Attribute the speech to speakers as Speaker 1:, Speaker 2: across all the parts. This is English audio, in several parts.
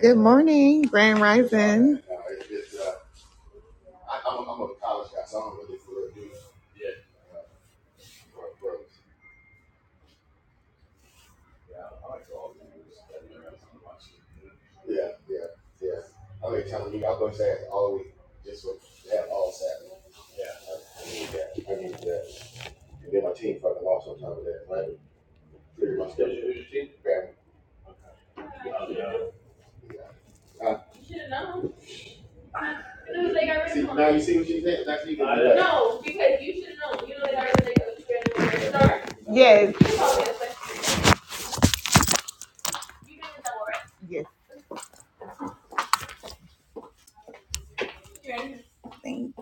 Speaker 1: Good morning, Grand Rising. And it was like, I See, now you see what she said, now she can do that. No, because you should know, you know that I already like a strand where to start. Yes, You probably have questions. You guys know, right? yes. You're in- Thank-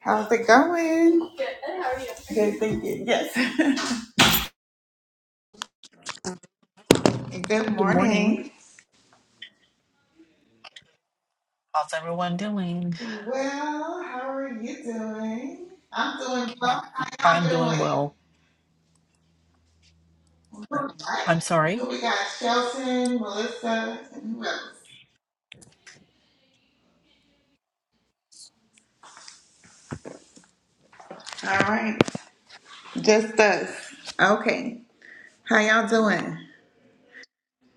Speaker 1: How's it going? Good. and how are you? Good, thank you. Yes. Good
Speaker 2: Good morning.
Speaker 1: morning.
Speaker 2: How's everyone doing?
Speaker 1: Well, how are you doing? I'm doing well. How
Speaker 2: I'm
Speaker 1: y'all doing?
Speaker 2: doing well.
Speaker 1: All right.
Speaker 2: I'm sorry.
Speaker 1: Who we got? Shelton, Melissa, and who else? All right. Just us. Okay. How y'all doing?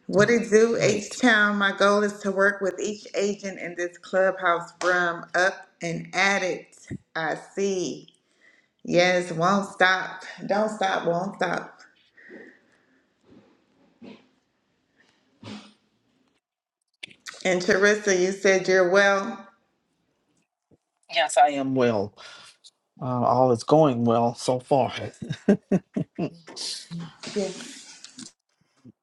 Speaker 1: What it do, H
Speaker 2: Great.
Speaker 1: Town? My goal is to work with each agent in this clubhouse room up and at it. I see. Yes, won't stop. Don't stop, won't stop. And Teresa, you said you're well.
Speaker 2: Yes, I am well. Uh, all is going well so far.
Speaker 1: Yes.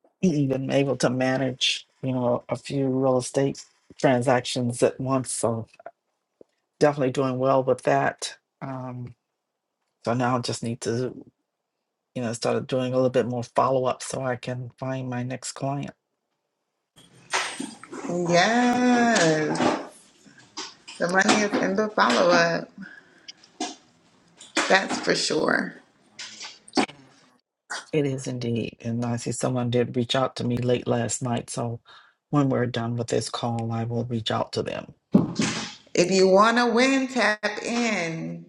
Speaker 2: Even able to manage, you know, a few real estate transactions at once. So definitely doing well with that. Um, so now I just need to, you know, start doing a little bit more follow up so I can find my next client.
Speaker 1: Yes. The money is in the follow up. That's for sure.
Speaker 2: It is indeed. And I see someone did reach out to me late last night. So when we're done with this call, I will reach out to them.
Speaker 1: If you want to win, tap in.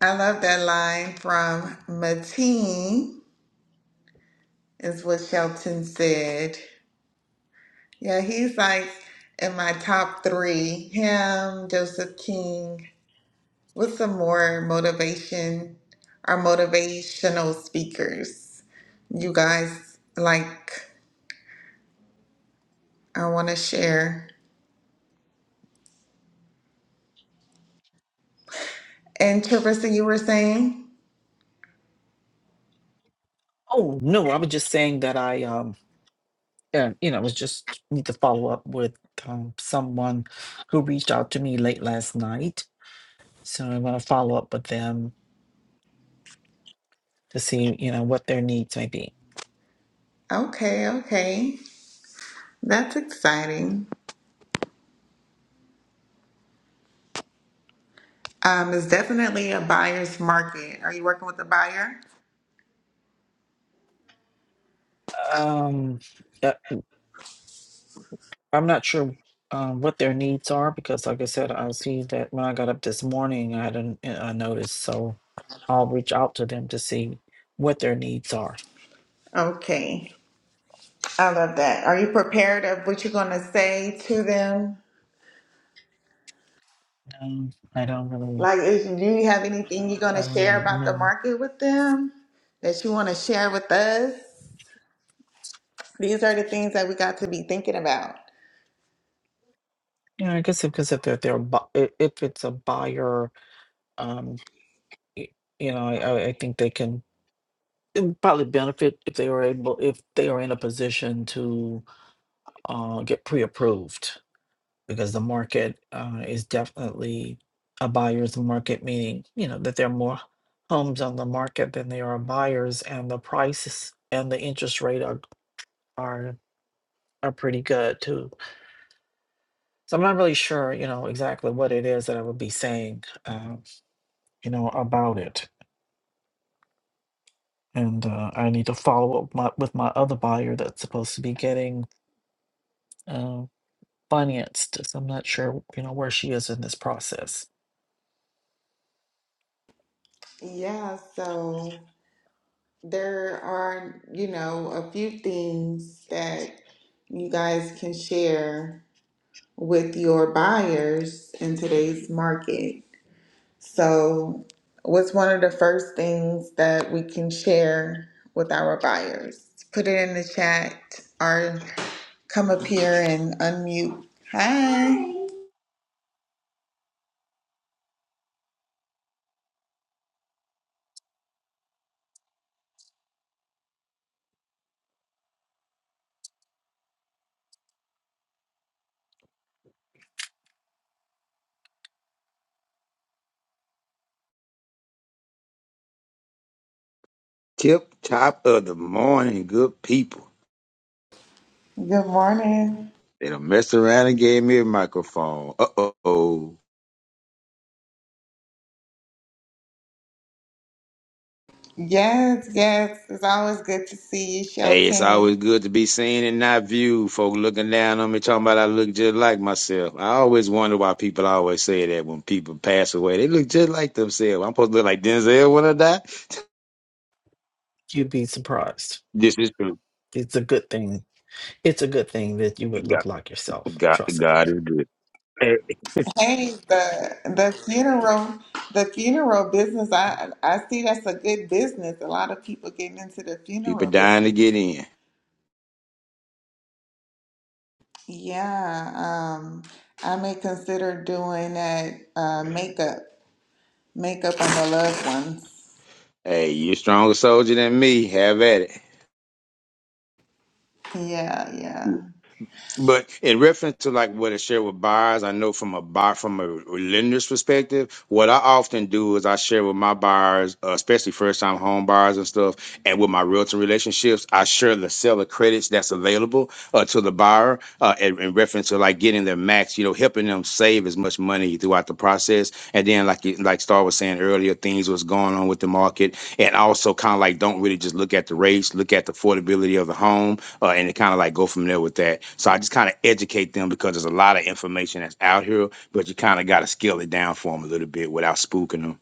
Speaker 1: I love that line from Mateen, is what Shelton said. Yeah, he's like in my top three. Him, Joseph King, with some more motivation or motivational speakers. You guys like I wanna share. And Teresa, you were saying?
Speaker 2: Oh, no, I was just saying that I, um, uh, you know, was just need to follow up with um, someone who reached out to me late last night. So I want to follow up with them to see, you know, what their needs may be.
Speaker 1: Okay, okay. That's exciting. Um, it's definitely a buyer's market. Are you working with a buyer?
Speaker 2: Um, uh, I'm not sure um, what their needs are because, like I said, I see that when I got up this morning, I didn't I noticed. So I'll reach out to them to see what their needs are.
Speaker 1: Okay. I love that. Are you prepared of what you're gonna say to them?
Speaker 2: Um, I don't really,
Speaker 1: Like, is, do you have anything you're going to
Speaker 2: I don't
Speaker 1: share about the
Speaker 2: know.
Speaker 1: market with them that you want to share with us? These are the things that we got to be thinking about.
Speaker 2: Yeah, I guess because if they're they're bu- i- if it's a buyer, um, y- you know, I, I I think they can probably benefit if they are able if they are in a position to uh, get pre-approved because the market uh, is definitely a buyer's market, meaning you know that there are more homes on the market than there are buyers, and the prices and the interest rate are are are pretty good too. So I'm not really sure, you know, exactly what it is that I would be saying, uh, you know, about it. and uh, I need to follow up my, with my other buyer that's supposed to be getting uh, financed. So I'm not sure, you know, where she is in this process.
Speaker 1: Yeah, so there are, you know, a few things that you guys can share with your buyers in today's market. So, what's one of the first things that we can share with our buyers? Put it in the chat or come up here and unmute. Hi.
Speaker 3: Tip top of the morning, good people.
Speaker 1: Good morning.
Speaker 3: They done messed around and gave me a microphone. Uh oh.
Speaker 1: Yes, yes. It's always good to see you,
Speaker 3: Hey, it's always
Speaker 1: Shelton.
Speaker 3: good to be seen and not viewed. Folk looking down on me, talking about I look just like myself. I always wonder why people always say that when people pass away. They look just like themselves. I'm supposed to look like Denzel when I die.
Speaker 2: You'd be surprised.
Speaker 3: This is true.
Speaker 2: It's a good thing. It's a good thing that you would look
Speaker 3: God,
Speaker 2: like yourself.
Speaker 3: God,
Speaker 2: Trust me.
Speaker 3: God is good. Hey,
Speaker 1: Hey, the the funeral the funeral business, I I see that's a good business. A lot of people getting into the
Speaker 3: People
Speaker 1: funeral
Speaker 3: dying to
Speaker 1: business.
Speaker 3: get in.
Speaker 1: Yeah, um, I may consider doing that uh, makeup, makeup on the loved ones.
Speaker 3: Hey, you're a stronger soldier than me. Have at it.
Speaker 1: Yeah, yeah.
Speaker 3: But in reference to like what I share with buyers, I know from a buy from a lender's perspective, what I often do is I share with my buyers, uh, especially first time home buyers and stuff, and with my realtor relationships, I share the seller credits that's available uh, to the buyer uh, in, in reference to like getting their max, you know, helping them save as much money throughout the process. And then like you- like Star was saying earlier, things was going on with the market, and also kind of like don't really just look at the rates, look at the affordability of the home uh, and kind of like go from there with that. So I just kind of educate them because there's a lot of information that's out here, but you kind of got to scale it down for them a little bit without spooking them.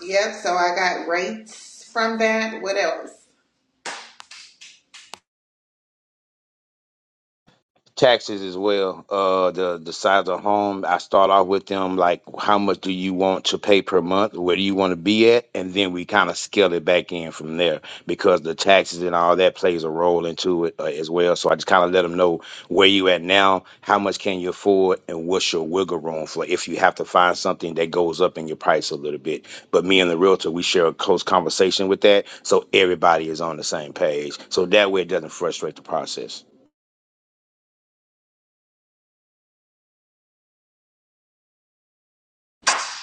Speaker 1: Yep, so I got rates from that. What else?
Speaker 3: taxes as well uh the the size of home i start off with them like how much do you want to pay per month where do you want to be at and then we kind of scale it back in from there because the taxes and all that plays a role into it uh, as well so i just kind of let them know where you at now how much can you afford and what's your wiggle room for if you have to find something that goes up in your price a little bit but me and the realtor we share a close conversation with that so everybody is on the same page so that way it doesn't frustrate the process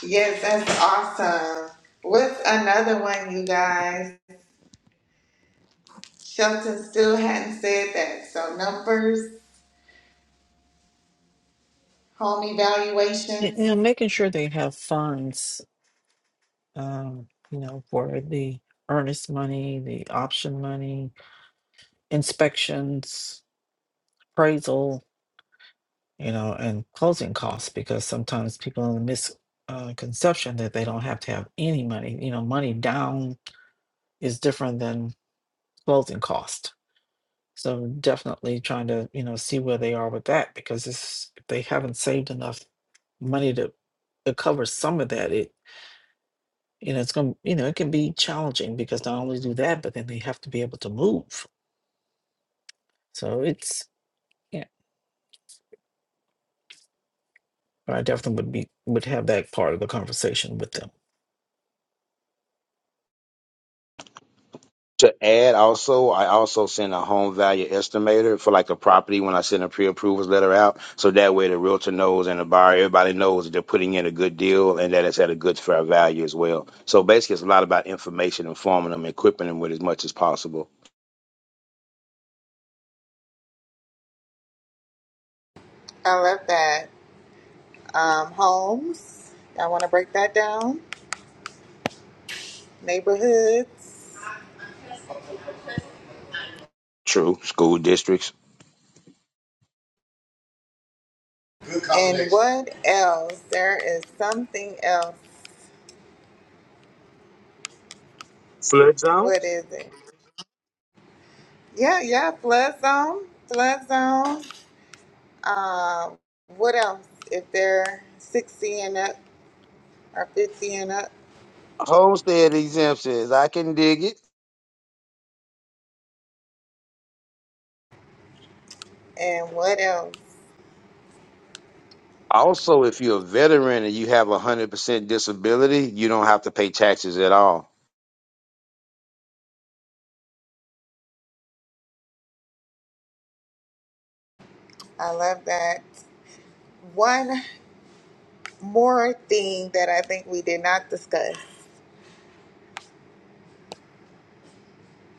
Speaker 1: Yes, that's awesome. What's another one, you guys? Shelton still hadn't said that. So numbers, home
Speaker 2: Y-
Speaker 1: evaluations.
Speaker 2: You know, making sure they have funds um, you know, for the earnest money, the option money, inspections, appraisal, you know, and closing costs because sometimes people in the misconception that they don't have to have any money. You know, money down is different than closing cost. So definitely trying to, you know, see where they are with that because it's, if they haven't saved enough money to, to cover some of that, it. you know, it's going to, you know, it can be challenging because not only do that, but then they have to be able to move. So it's, yeah, I definitely would be, would have that part of the conversation with them.
Speaker 3: To add also, I also send a home value estimator for like a property when I send a pre-approvals letter out. So that way the realtor knows and the buyer, everybody knows that they're putting in a good deal and that it's at a good fair value as well. So basically it's a lot about information, informing them, equipping them with as much as possible.
Speaker 1: I love that. Um, homes. I want to break that down. Neighborhoods.
Speaker 3: True. School districts.
Speaker 1: Good combination. And what else? There is something else.
Speaker 3: Flood
Speaker 1: What
Speaker 3: zones?
Speaker 1: is it? Yeah, yeah, flood zone, flood zone. Uh, what else? If they're 60 and up or 50 and up.
Speaker 3: Homestead exemptions. I can dig it.
Speaker 1: And what else?
Speaker 3: Also, if you're a veteran and you have a 100% disability, you don't have to pay taxes at all.
Speaker 1: I love that. One more thing that I think we did not discuss.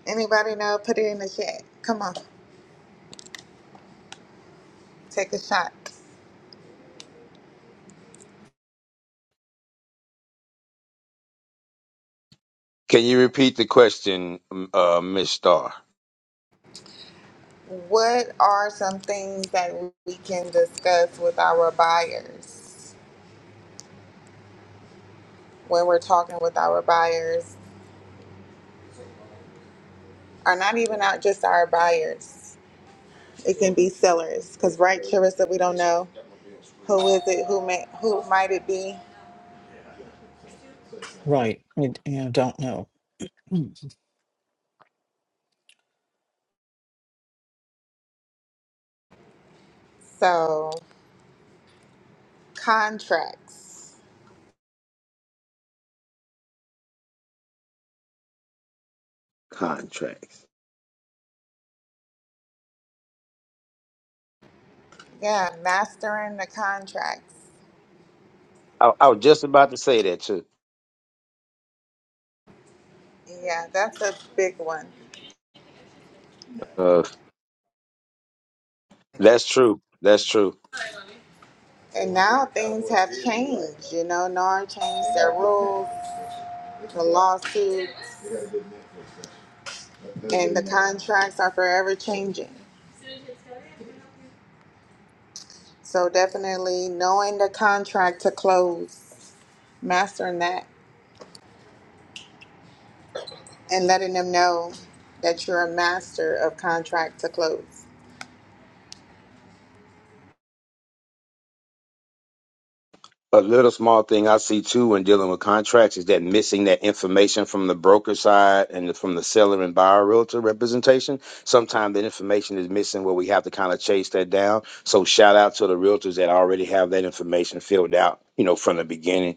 Speaker 1: Anybody know? Put it in the chat. Come on, take a shot.
Speaker 3: Can you repeat the question, m- uh, Ms. Starr?
Speaker 1: What are some things that we can discuss with our buyers? when we're talking with our buyers are not even out just our buyers. It can be sellers because right, Charissa, we don't know who is it, who may, who might it be.
Speaker 2: Right. We you know, don't know. Mm.
Speaker 1: So contracts,
Speaker 3: contracts.
Speaker 1: yeah, mastering the contracts,
Speaker 3: I, I was just about to say that too.
Speaker 1: yeah, that's a big one.
Speaker 3: Uh, that's true. That's true.
Speaker 1: And now things have changed, you know, NAR changed their rules, the lawsuits, and the contracts are forever changing. So definitely knowing the contract to close, mastering that, and letting them know that you're a master of contract to close.
Speaker 3: A little small thing I see too when dealing with contracts is that missing that information from the broker side and from the seller and buyer realtor representation. Sometimes the information is missing where we have to kind of chase that down. So shout out to the realtors that already have that information filled out, you know, from the beginning.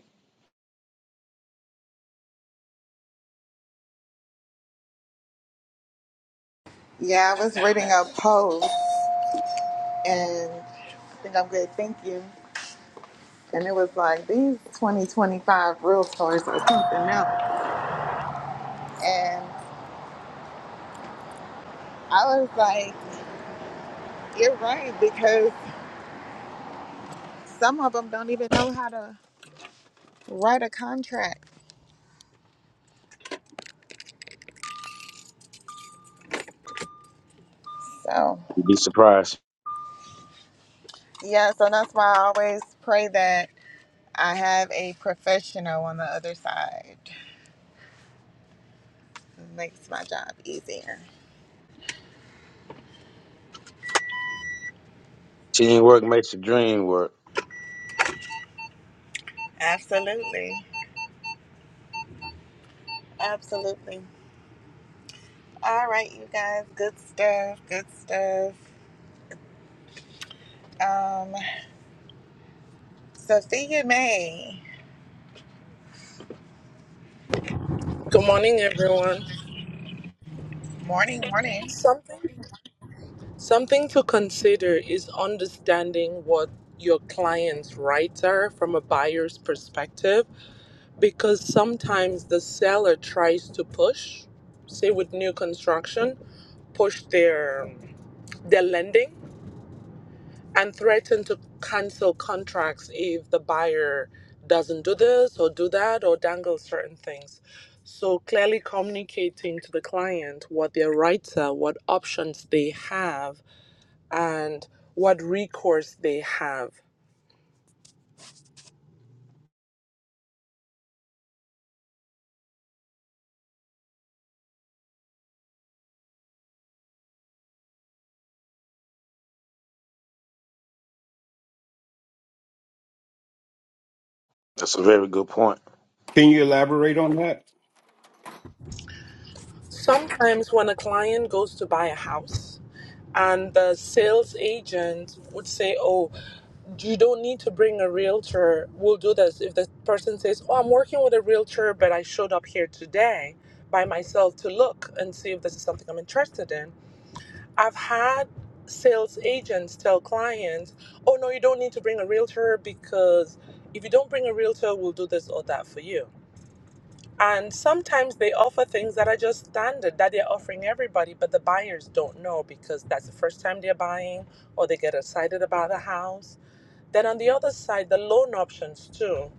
Speaker 1: Yeah, I was reading a post and I think I'm good, thank you. And it was like these 2025 realtors or something else. And I was like, you're right, because some of them don't even know how to write a contract. So,
Speaker 3: You'd be surprised.
Speaker 1: yeah, so that's why I always pray that I have a professional on the other side. It makes my job easier.
Speaker 3: Teamwork makes the dream work.
Speaker 1: Absolutely. Absolutely. All right, you guys. Good stuff. Good stuff. Um, Sophia May.
Speaker 4: Good morning, everyone.
Speaker 1: Morning, morning.
Speaker 4: Something something to consider is understanding what your client's rights are from a buyer's perspective because sometimes the seller tries to push, say with new construction, push their their lending and threaten to cancel contracts if the buyer doesn't do this or do that or dangle certain things. So clearly communicating to the client what their rights are, what options they have, and what recourse they have.
Speaker 3: That's a very good point.
Speaker 5: Can you elaborate on that?
Speaker 4: Sometimes when a client goes to buy a house and the sales agent would say, Oh, you don't need to bring a realtor. We'll do this. If the person says, Oh, I'm working with a realtor, but I showed up here today by myself to look and see if this is something I'm interested in. I've had sales agents tell clients, Oh, no, you don't need to bring a realtor because if you don't bring a realtor, we'll do this or that for you. And sometimes they offer things that are just standard that they're offering everybody, but the buyers don't know because that's the first time they're buying or they get excited about a house. Then on the other side, the loan options too,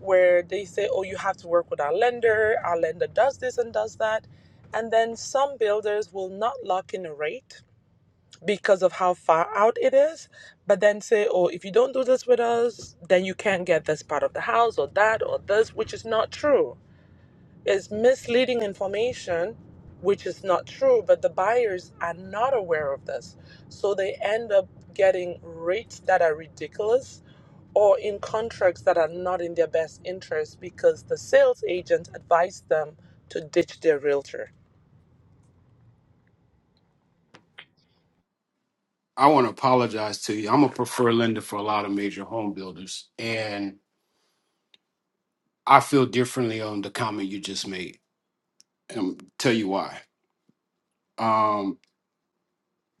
Speaker 4: where they say, oh, you have to work with our lender, our lender does this and does that. And then some builders will not lock in a rate because of how far out it is, but then say, oh, if you don't do this with us, then you can't get this part of the house or that or this, which is not true is misleading information, which is not true, but the buyers are not aware of this. So they end up getting rates that are ridiculous or in contracts that are not in their best interest because the sales agent advised them to ditch their realtor.
Speaker 5: I want to apologize to you. I'm a preferred lender for a lot of major home builders, and I feel differently on the comment you just made. And tell you why. Um,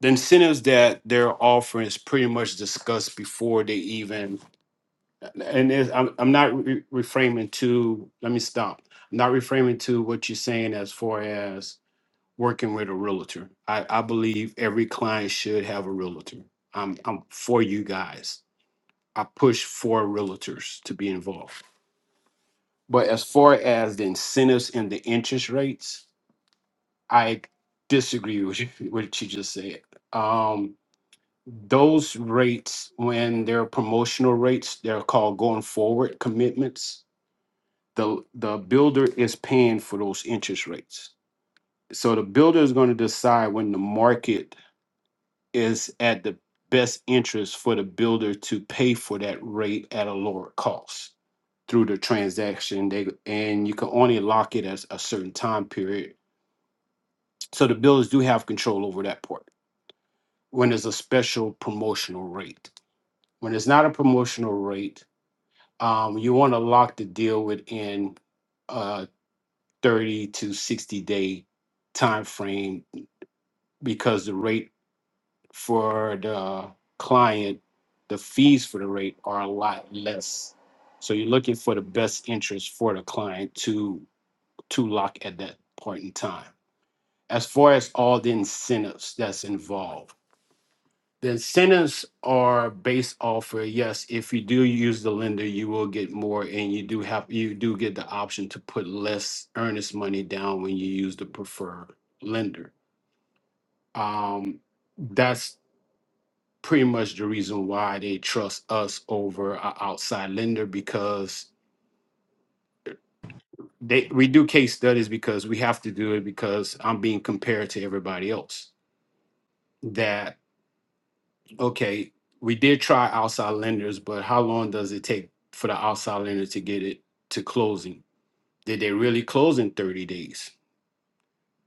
Speaker 5: the incentives that they're offering is pretty much discussed before they even. And it's, I'm, I'm not re- reframing to. Let me stop. I'm not reframing to what you're saying as far as working with a realtor. I, I believe every client should have a realtor. I'm, I'm for you guys I push for realtors to be involved. But as far as the incentives and the interest rates, I disagree with you- what you just said. Um, those rates, when they're promotional rates, they're called going forward commitments. The the builder is paying for those interest rates. So the builder is going to decide when the market is at the best interest for the builder to pay for that rate at a lower cost through the transaction they and you can only lock it as a certain time period so the builders do have control over that part when there's a special promotional rate when it's not a promotional rate um, you want to lock the deal within a 30 to 60 day time frame because the rate for the client, the fees for the rate are a lot less. So you're looking for the best interest for the client to to lock at that point in time. As far as all the incentives that's involved, the incentives are based off of yes, if you do use the lender, you will get more, and you do have you do get the option to put less earnest money down when you use the preferred lender. Um, that's pretty much the reason why they trust us over an outside lender because they we do case studies because we have to do it because I'm being compared to everybody else. That okay, we did try outside lenders, but how long does it take for the outside lender to get it to closing? Did they really close in 30 days?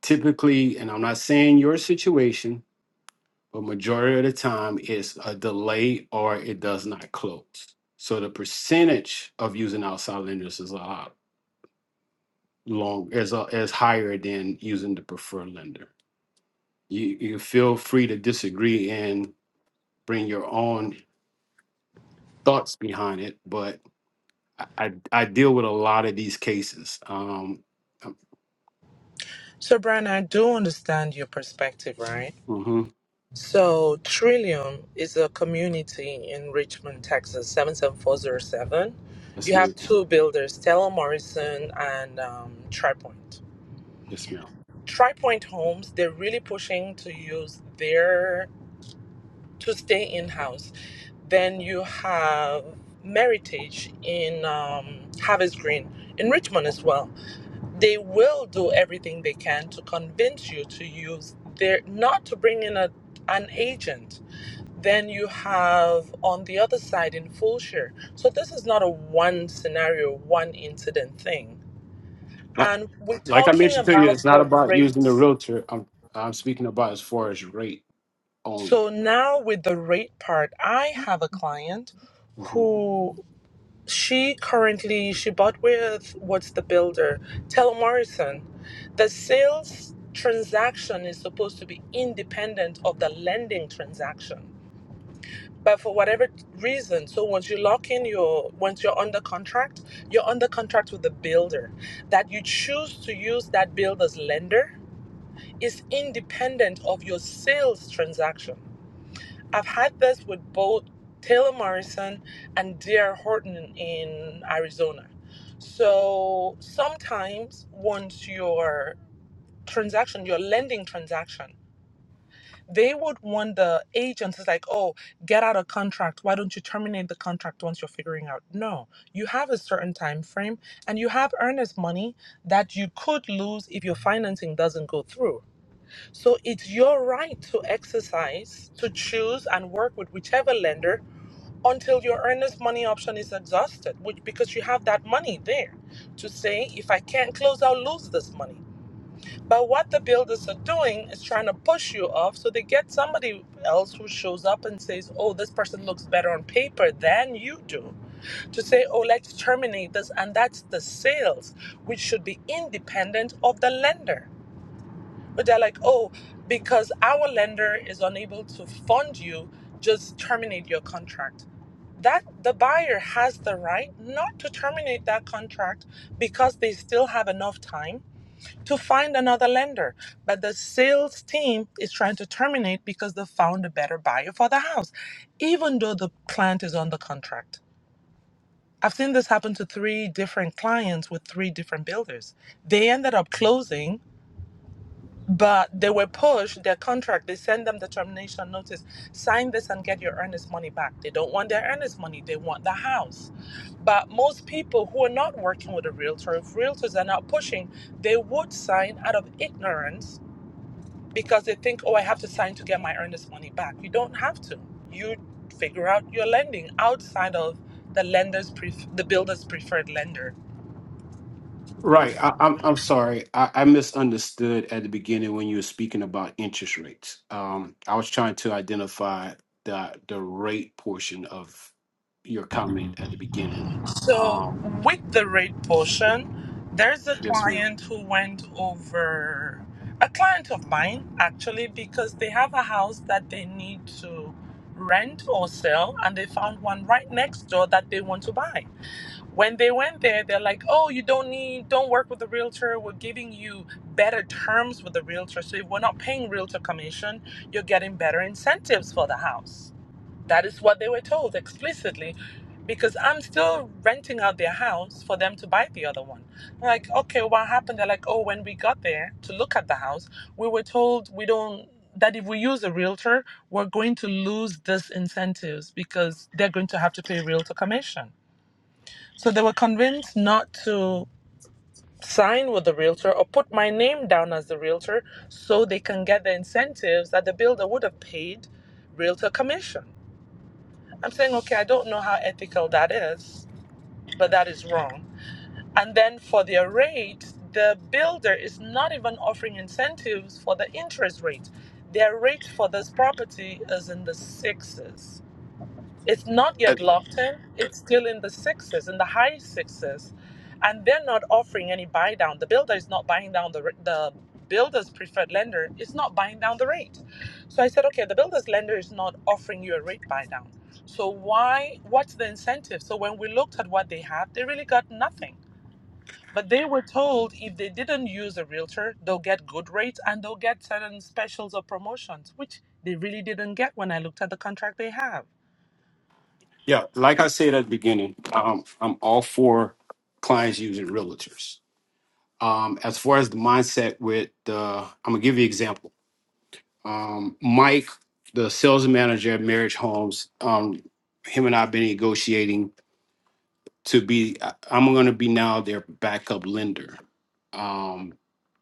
Speaker 5: Typically, and I'm not saying your situation, but majority of the time it's a delay or it does not close. So the percentage of using outside lenders is a lot long is a, is higher than using the preferred lender. You you feel free to disagree and bring your own thoughts behind it, but I I, I deal with a lot of these cases. Um, um,
Speaker 4: So, Brian, I do understand your perspective, right?
Speaker 5: mm-hmm.
Speaker 4: So Trillium is a community in Richmond, Texas, 77407.
Speaker 5: Yes,
Speaker 4: You have
Speaker 5: ma'am.
Speaker 4: two builders, Stella Morrison and um, TriPoint.
Speaker 5: Yes, ma'am.
Speaker 4: TriPoint Homes, they're really pushing to use their, to stay in-house. Then you have Meritage in um, Harvest Green in Richmond as well. They will do everything they can to convince you to use their, not to bring in a, an agent Then you have on the other side in Fulshire. So this is not a one scenario, one incident thing.
Speaker 5: Like
Speaker 4: And we're
Speaker 5: like I
Speaker 4: talking
Speaker 5: mentioned to you,
Speaker 4: about
Speaker 5: it's not
Speaker 4: the
Speaker 5: about using the
Speaker 4: rates.
Speaker 5: realtor. I'm I'm speaking about as far as rate only.
Speaker 4: So now with the rate part, I have a client
Speaker 5: Mm-hmm.
Speaker 4: who she currently she bought with what's the builder? Tell Morrison. The sales transaction is supposed to be independent of the lending transaction. but for whatever reason so once you lock in your once you're under contract you're under contract with the builder that you choose to use that builder's lender is independent of your sales transaction i've had this with both taylor morrison and dr horton in arizona so sometimes once your transaction your lending transaction they would want the agents it's like oh get out of contract why don't you terminate the contract once you're figuring out no you have a certain time frame and you have earnest money that you could lose if your financing doesn't go through so it's your right to exercise to choose and work with whichever lender until your earnest money option is exhausted which because you have that money there to say if i can't close i'll lose this money but what the builders are doing is trying to push you off so they get somebody else who shows up and says, oh, this person looks better on paper than you do. To say, oh, let's terminate this. And that's the sales, which should be independent of the lender. But they're like, oh, because our lender is unable to fund you, just terminate your contract. That the buyer has the right not to terminate that contract because they still have enough time to find another lender. But the sales team is trying to terminate because they found a better buyer for the house, even though the client is on the contract. I've seen this happen to three different clients with three different builders. They ended up closing but they were pushed their contract they send them the termination notice sign this and get your earnest money back they don't want their earnest money they want the house but most people who are not working with a realtor if realtors are not pushing they would sign out of ignorance because they think oh i have to sign to get my earnest money back you don't have to you figure out your lending outside of the lender's pref- the builder's preferred lender
Speaker 5: Right. I, I'm I'm sorry. I, I misunderstood at the beginning when you were speaking about interest rates. Um, I was trying to identify the the rate portion of your comment at the beginning.
Speaker 4: So
Speaker 5: Um,
Speaker 4: with the rate portion, there's a
Speaker 5: yes, ma'am.
Speaker 4: client who went over a client of mine actually because they have a house that they need to rent or sell and they found one right next door that they want to buy. When they went there, they're like, oh, you don't need, don't work with the realtor. We're giving you better terms with the realtor. So if we're not paying realtor commission, you're getting better incentives for the house. That is what they were told explicitly because I'm still renting out their house for them to buy the other one. I'm like, okay, what happened? They're like, oh, when we got there to look at the house, we were told we don't that if we use a realtor, we're going to lose this incentives because they're going to have to pay realtor commission. So they were convinced not to sign with the realtor or put my name down as the realtor so they can get the incentives that the builder would have paid realtor commission. I'm saying, okay, I don't know how ethical that is, but that is wrong. And then for their rate, the builder is not even offering incentives for the interest rate. Their rate for this property is in the sixes It's not
Speaker 5: Uh,
Speaker 4: yet locked in. It's still in the sixes, in the high sixes, and they're not offering any buy down. The builder is not buying down the r- the builder's preferred lender is not buying down the rate. So I said, okay, the builder's lender is not offering you a rate buy down. So why? What's the incentive? So when we looked at what they had, they really got nothing. But they were told if they didn't use a realtor, they'll get good rates and they'll get certain specials or promotions, which they really didn't get when I looked at the contract they have.
Speaker 5: Yeah, like I said at the beginning, um, I'm all for clients using realtors. Um, as far as the mindset with the, I'm gonna give you an example. Um, Mike, the sales manager at Marriage Homes, um, him and I have been negotiating to be I- I'm going to be now their backup lender. Um,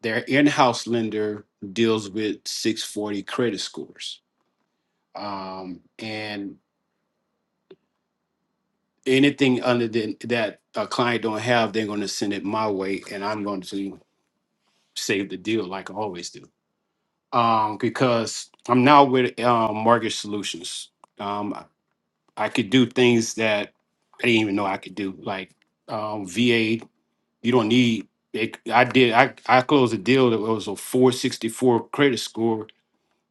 Speaker 5: their in-house lender deals with 640 credit scores, um, and anything under than that a client don't have, they're going to send it my way, and I'm going to save the deal like I always do. Um, because I'm now with um, Mortgage Solutions. Um, I I could do things that I didn't even know I could do, like um, VA You don't need. It, I did. I I closed a deal that was a 464 credit score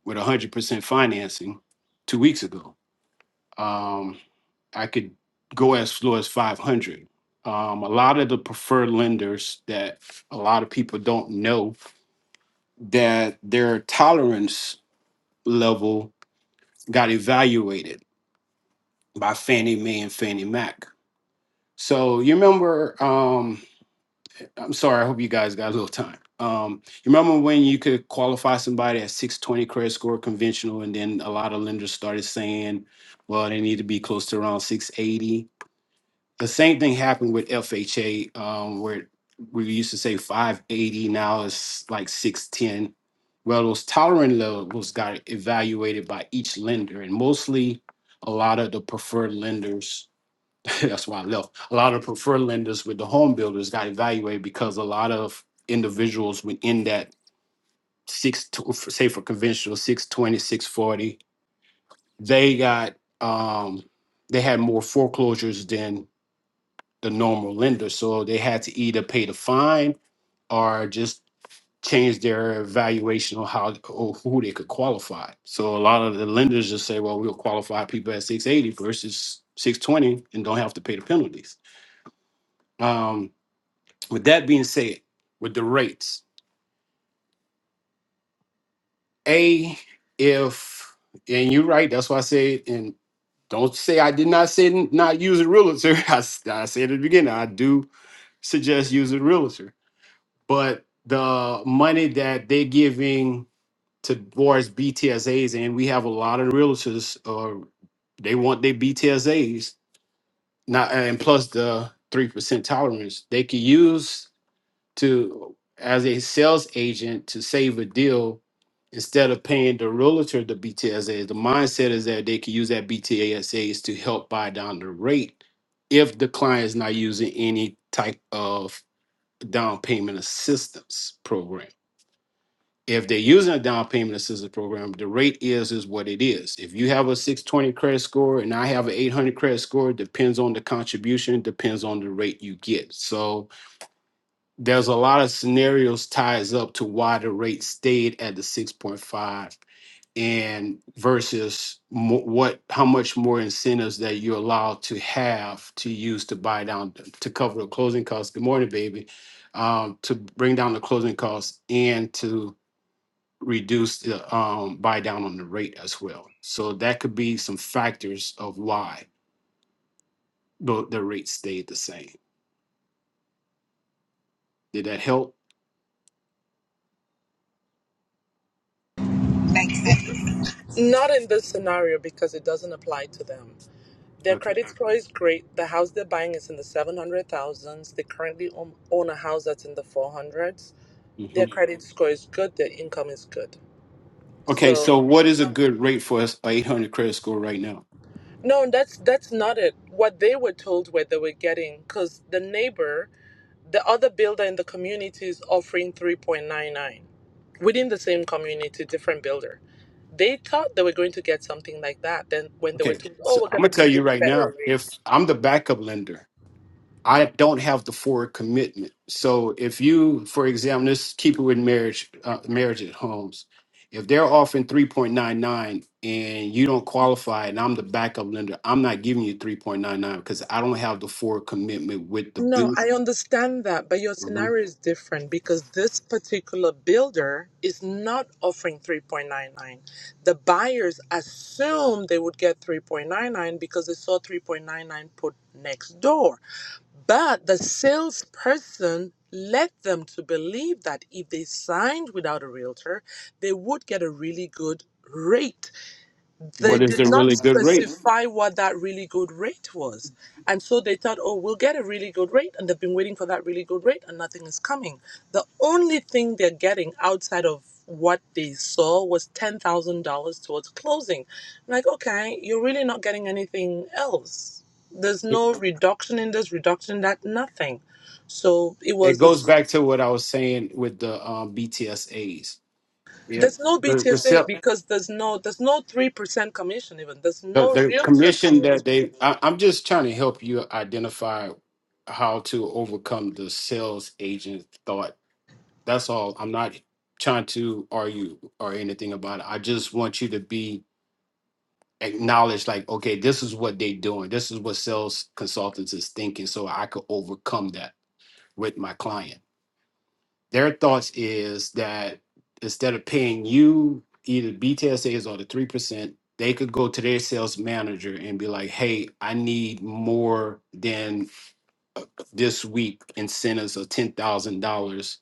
Speaker 5: with 100 percent financing two weeks ago. Um, I could go as low as 500. Um, a lot of the preferred lenders that a lot of people don't know that their tolerance level got evaluated by Fannie Mae and Fannie Mac. So you remember? Um, I'm sorry. I hope you guys got a little time. Um, you remember when you could qualify somebody at 620 credit score conventional, and then a lot of lenders started saying, well, they need to be close to around 680. The same thing happened with FHA, um, where we used to say 580, now it's like 610. Well, those tolerant levels got evaluated by each lender, and mostly a lot of the preferred lenders that's why I left. A lot of preferred lenders with the home builders got evaluated because a lot of individuals within that six, to, say for conventional six twenty, six forty, they got, um, they had more foreclosures than the normal lender. So they had to either pay the fine or just change their evaluation on how or who they could qualify. So a lot of the lenders just say, well, we'll qualify people at 680 versus 620 and don't have to pay the penalties. Um, With that being said, with the rates, A, if, and you're right, that's why I said, and don't say I did not say n- not use a realtor. I, s- I said at the beginning, I do suggest using a realtor. But the money that they're giving towards BTSAs, and we have a lot of realtors, uh, they want their BTSAs, not, and plus the 3% tolerance. They could use to as a sales agent to save a deal instead of paying the realtor the BTSAs. The mindset is that they can use that BTSAs to help buy down the rate if the client is not using any type of down payment assistance program. If they're using a down payment assistance program, the rate is is what it is. If you have a 620 credit score and I have an 800 credit score, depends on the contribution, depends on the rate you get. So there's a lot of scenarios ties up to why the rate stayed at the 6.5 and versus mo- what how much more incentives that you're allowed to have to use to buy down to cover the closing costs good morning baby um, to bring down the closing costs and to reduce the um, buy down on the rate as well so that could be some factors of why the, the rate stayed the same did that help
Speaker 1: Thanks. sense.
Speaker 4: Not in this scenario because it doesn't apply to them. Their credit score is great. The house they're buying is in the 700,000s. They currently own, own a house that's in the 400s.
Speaker 5: okay
Speaker 4: Their credit score is good. Their income is good.
Speaker 5: Okay,
Speaker 4: So,
Speaker 5: so what is a good rate for us a 800 credit score right now?
Speaker 4: no, that's that's not it. What they were told where they were getting cuz the neighbor, the other builder in the community is offering 3.99 within the same community, different builder. They thought they were going to get something like that. Then when they were
Speaker 5: Okay,
Speaker 4: told, "Oh,
Speaker 5: so
Speaker 4: we're
Speaker 5: I'm gonna
Speaker 4: going to
Speaker 5: tell
Speaker 4: give you
Speaker 5: you
Speaker 4: a
Speaker 5: right now,
Speaker 4: better rate."
Speaker 5: if I'm the backup lender, I don't have the forward commitment. So if you, for example, let's keep it with marriage, uh, marriage at homes. If they're offering 3.99 and you don't qualify, and I'm the backup lender, I'm not giving you 3.99 because I don't have the forward commitment with the
Speaker 4: No,
Speaker 5: bill.
Speaker 4: I understand that, but your
Speaker 5: Mhm.
Speaker 4: scenario is different because this particular builder is not offering 3.99. The buyers assumed they would get 3.99 because they saw 3.99 put next door. But the salesperson led them to believe that if they signed without a realtor, they would get a really good rate they
Speaker 5: What is
Speaker 4: did
Speaker 5: the
Speaker 4: not
Speaker 5: really good rate?
Speaker 4: specify what that really good rate was. And so they thought, oh, we'll get a really good rate. And they've been waiting for that really good rate and nothing is coming. The only thing they're getting outside of what they saw was $10,000 towards closing. I'm like, okay, you're really not getting anything else. There's
Speaker 5: It,
Speaker 4: no reduction in this, reduction in that, nothing. So it
Speaker 5: it goes
Speaker 4: was,
Speaker 5: back to what I was saying with the um, BTSAs Yeah,
Speaker 4: there's no
Speaker 5: the the
Speaker 4: BTSA
Speaker 5: self
Speaker 4: because there's no, there's no 3% commission even. There's
Speaker 5: the,
Speaker 4: no
Speaker 5: the
Speaker 4: realtor
Speaker 5: commission
Speaker 4: commission.
Speaker 5: that they. I, I'm just trying to help you identify how to overcome the sales agent thought. That's all. I'm not trying to argue or anything about it. I just want you to be acknowledged. Like, okay, this is what they're doing. This is what sales consultants is thinking. So I could overcome that with my client. Their thoughts is that instead of paying you either BTSAs or the three percent, they could go to their sales manager and be like, "Hey, I need more than this week incentives of ten thousand dollars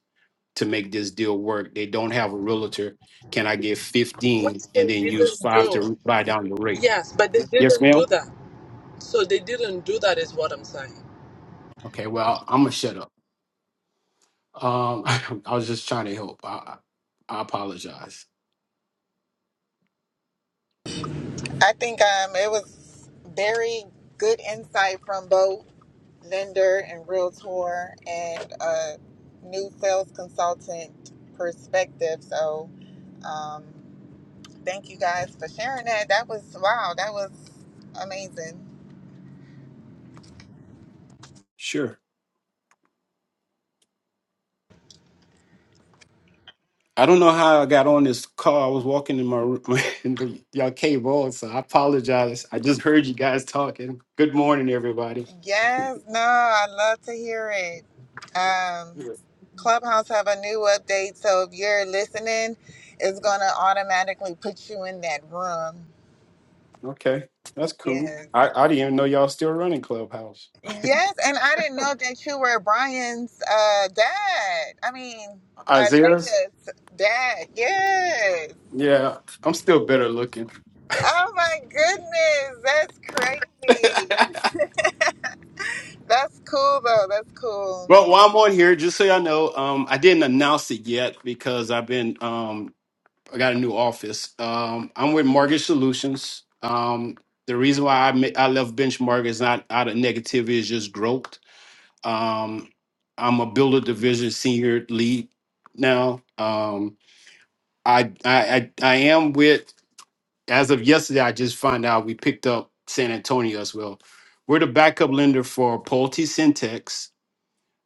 Speaker 5: to make this deal work." They don't have a realtor. Can I get
Speaker 4: which
Speaker 5: fifteen and
Speaker 4: they
Speaker 5: then use
Speaker 4: didn't
Speaker 5: five
Speaker 4: do.
Speaker 5: to buy down the rate?
Speaker 4: Yes, but they
Speaker 5: Yes,
Speaker 4: didn't
Speaker 5: ma'am.
Speaker 4: do that. So they didn't do that, is what I'm saying.
Speaker 5: Okay, well, I'm gonna shut up. Um, I was just trying to help. I, I I apologize.
Speaker 1: I think um it was very good insight from both lender and realtor and a new sales consultant perspective. So um, Thank you guys for sharing that. That was wow. That was amazing.
Speaker 5: Sure. I don't know how I got on this call. I was walking in my room and y'all came on, so I apologize. I just heard you guys talking. Good morning, everybody.
Speaker 1: Yes, no, I love to hear it. Um,
Speaker 5: Yes.
Speaker 1: Clubhouse have a new update, so if you're listening, it's gonna automatically put you in that room.
Speaker 5: Okay, that's cool.
Speaker 1: Yes,
Speaker 5: I, I didn't even know y'all still running Clubhouse.
Speaker 1: yes, and I didn't know that you were Brian's uh, dad. I mean,
Speaker 5: Isaiah's?
Speaker 1: Isaiah's dad. Yes.
Speaker 5: Yeah, I'm still better looking.
Speaker 1: Oh my goodness, that's crazy. That's cool though. That's cool.
Speaker 5: Well, while I'm on here, just so y'all know, um, I didn't announce it yet because I've been, um, I got a new office. Um, I'm with Mortgage Solutions. Um, the reason why I, ma- I left Benchmark is not out of negativity, it's just growth Um, I'm a builder division senior lead now. Um, I, I I I am with as of yesterday. I just found out we picked up San Antonio as well. We're the backup lender for Pulte Syntex,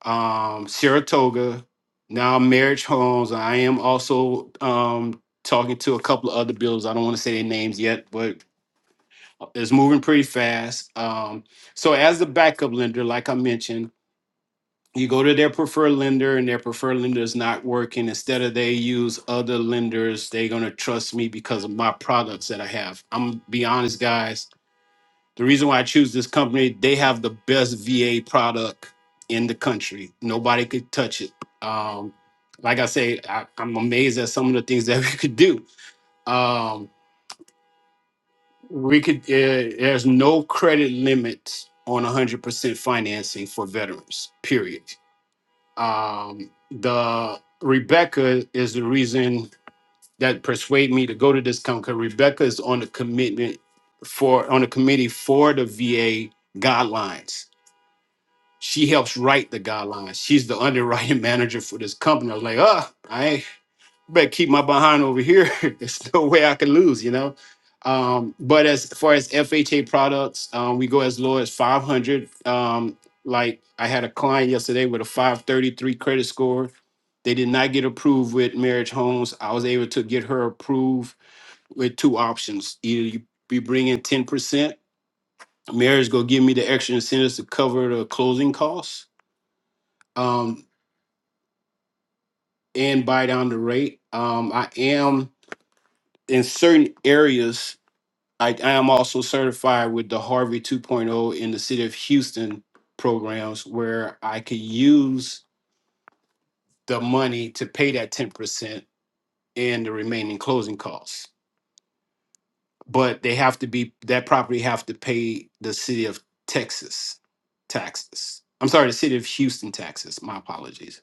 Speaker 5: um, Saratoga, now Marriage Homes. I am also um, talking to a couple of other builders. I don't want to say their names yet, but it's moving pretty fast. Um, so as the backup lender, like I mentioned. you go to their preferred lender and their preferred lender is not working instead of they use other lenders they're going to trust me because of my products that i have i'm gonna be honest guys the reason why i choose this company they have the best va product in the country nobody could touch it um, like i say I, i'm amazed at some of the things that we could do um, we could uh, there's no credit limit on 100% financing for veterans period Um, the Rebecca is the reason that persuade me to go to this company. Rebecca is on the commitment for on the committee for the VA guidelines. She helps write the guidelines. She's the underwriting manager for this company. I was like, ah, better keep my behind over here. There's no way I can lose, you know. Um, but as far as FHA products, um, we go as low as 500. Um, like I had a client yesterday with a 533 credit score. They did not get approved with Marriage Homes. I was able to get her approved with two options. Either you be bringing 10%, Marriage go give me the extra incentives to cover the closing costs um, and buy down the rate. Um, I am in certain areas I, I am also certified with the Harvey 2.0 in the city of Houston programs where I could use the money to pay that 10% and the remaining closing costs. But they have to be that property have to pay the city of Texas taxes. I'm sorry, the city of Houston taxes. My apologies.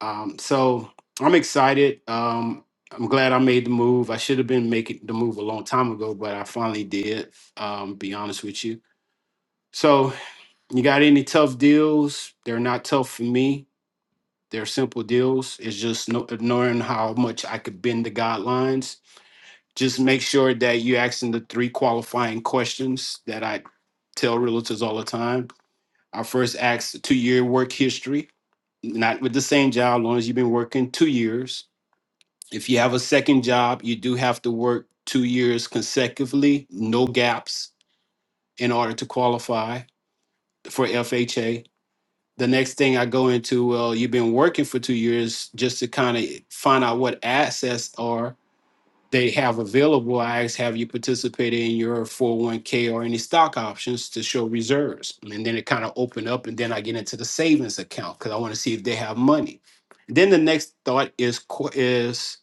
Speaker 5: Um, so I'm excited. Um, I'm glad I made the move. I should have been making the move a long time ago, but I finally did. Um, be honest with you. So. You got any tough deals? They're not tough for me. They're simple deals. It's just no, knowing how much I could bend the guidelines. Just make sure that you're asking the three qualifying questions that I tell realtors all the time. I first ask two year work history, not with the same job, long as you've been working two years. If you have a second job, you do have to work two years consecutively, no gaps, in order to qualify for FHA the next thing I go into, well, you've been working for two years just to kind of find out what assets are they have available. I ask, have you participated in your 401k or any stock options to show reserves? And then it kind of open up, and then I get into the savings account because I want to see if they have money. Then the next thought is qu- is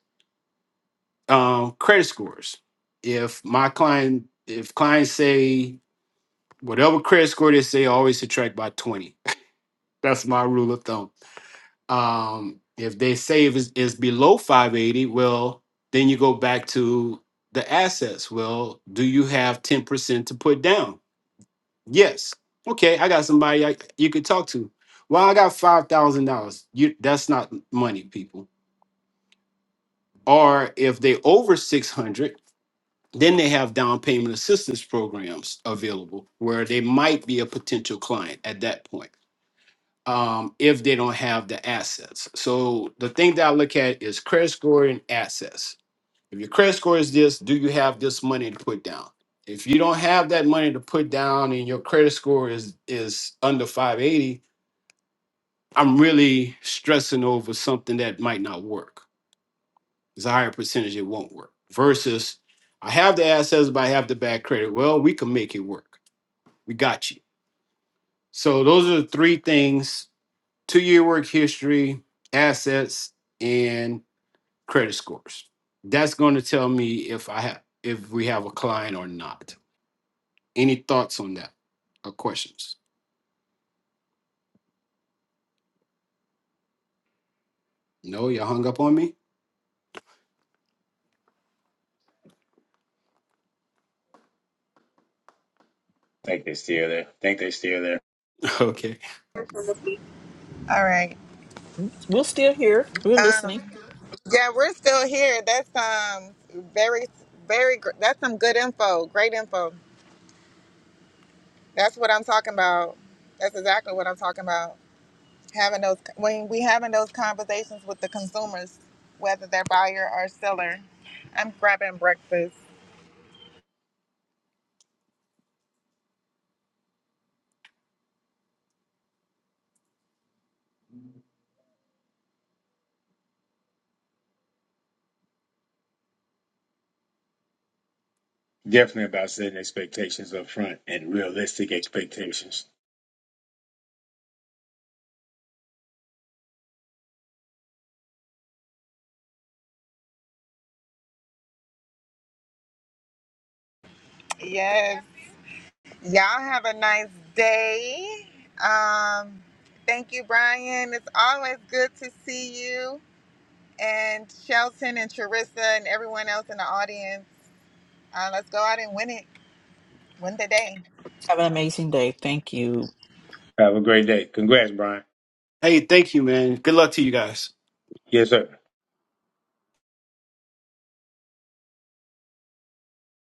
Speaker 5: um, credit scores. If my client, if clients say whatever credit score they say, I always subtract by twenty. That's my rule of thumb Um, if they say if it's, it's below 580, well, then you go back to the assets. Well, do you have 10% to put down? Yes. Okay, I got somebody I, you could talk to. Well, I got five thousand dollars. You that's not money, people. Or if they over six hundred, then they have down payment assistance programs available where they might be a potential client at that point. um, if they don't have the assets. So the thing that I look at is credit score and assets. If your credit score is this, do you have this money to put down? If you don't have that money to put down and your credit score is is under 580, I'm really stressing over something that might not work. It's a higher percentage it won't work. Versus I have the assets, but I have the bad credit. Well, we can make it work. We got you. So those are the three things two year work history, assets, and credit scores. That's going to tell me if I have if we have a client or not. Any thoughts on that or questions? No, you hung up on me.
Speaker 3: Think they still there. Think they still there.
Speaker 5: Okay.
Speaker 1: All right.
Speaker 2: We're still here. We're
Speaker 1: Um,
Speaker 2: listening.
Speaker 1: yeah, we're still here. That's um very very gr- that's some good info. Great info. That's what I'm talking about. That's exactly what I'm talking about. Having those when we having those conversations with the consumers, whether they're buyer or seller. I'm grabbing breakfast.
Speaker 3: Definitely about setting expectations up front and realistic expectations.
Speaker 1: Yes. Y'all have a nice day. Um, thank you, Brian. It's always good to see you and Shelton and Charissa and everyone else in the audience. Uh, let's go out and win it. Win the day.
Speaker 2: Have an amazing day. Thank you.
Speaker 3: Have a great day. Congrats, Brian.
Speaker 5: Hey, thank you, man. Good luck to you guys.
Speaker 3: Yes, sir.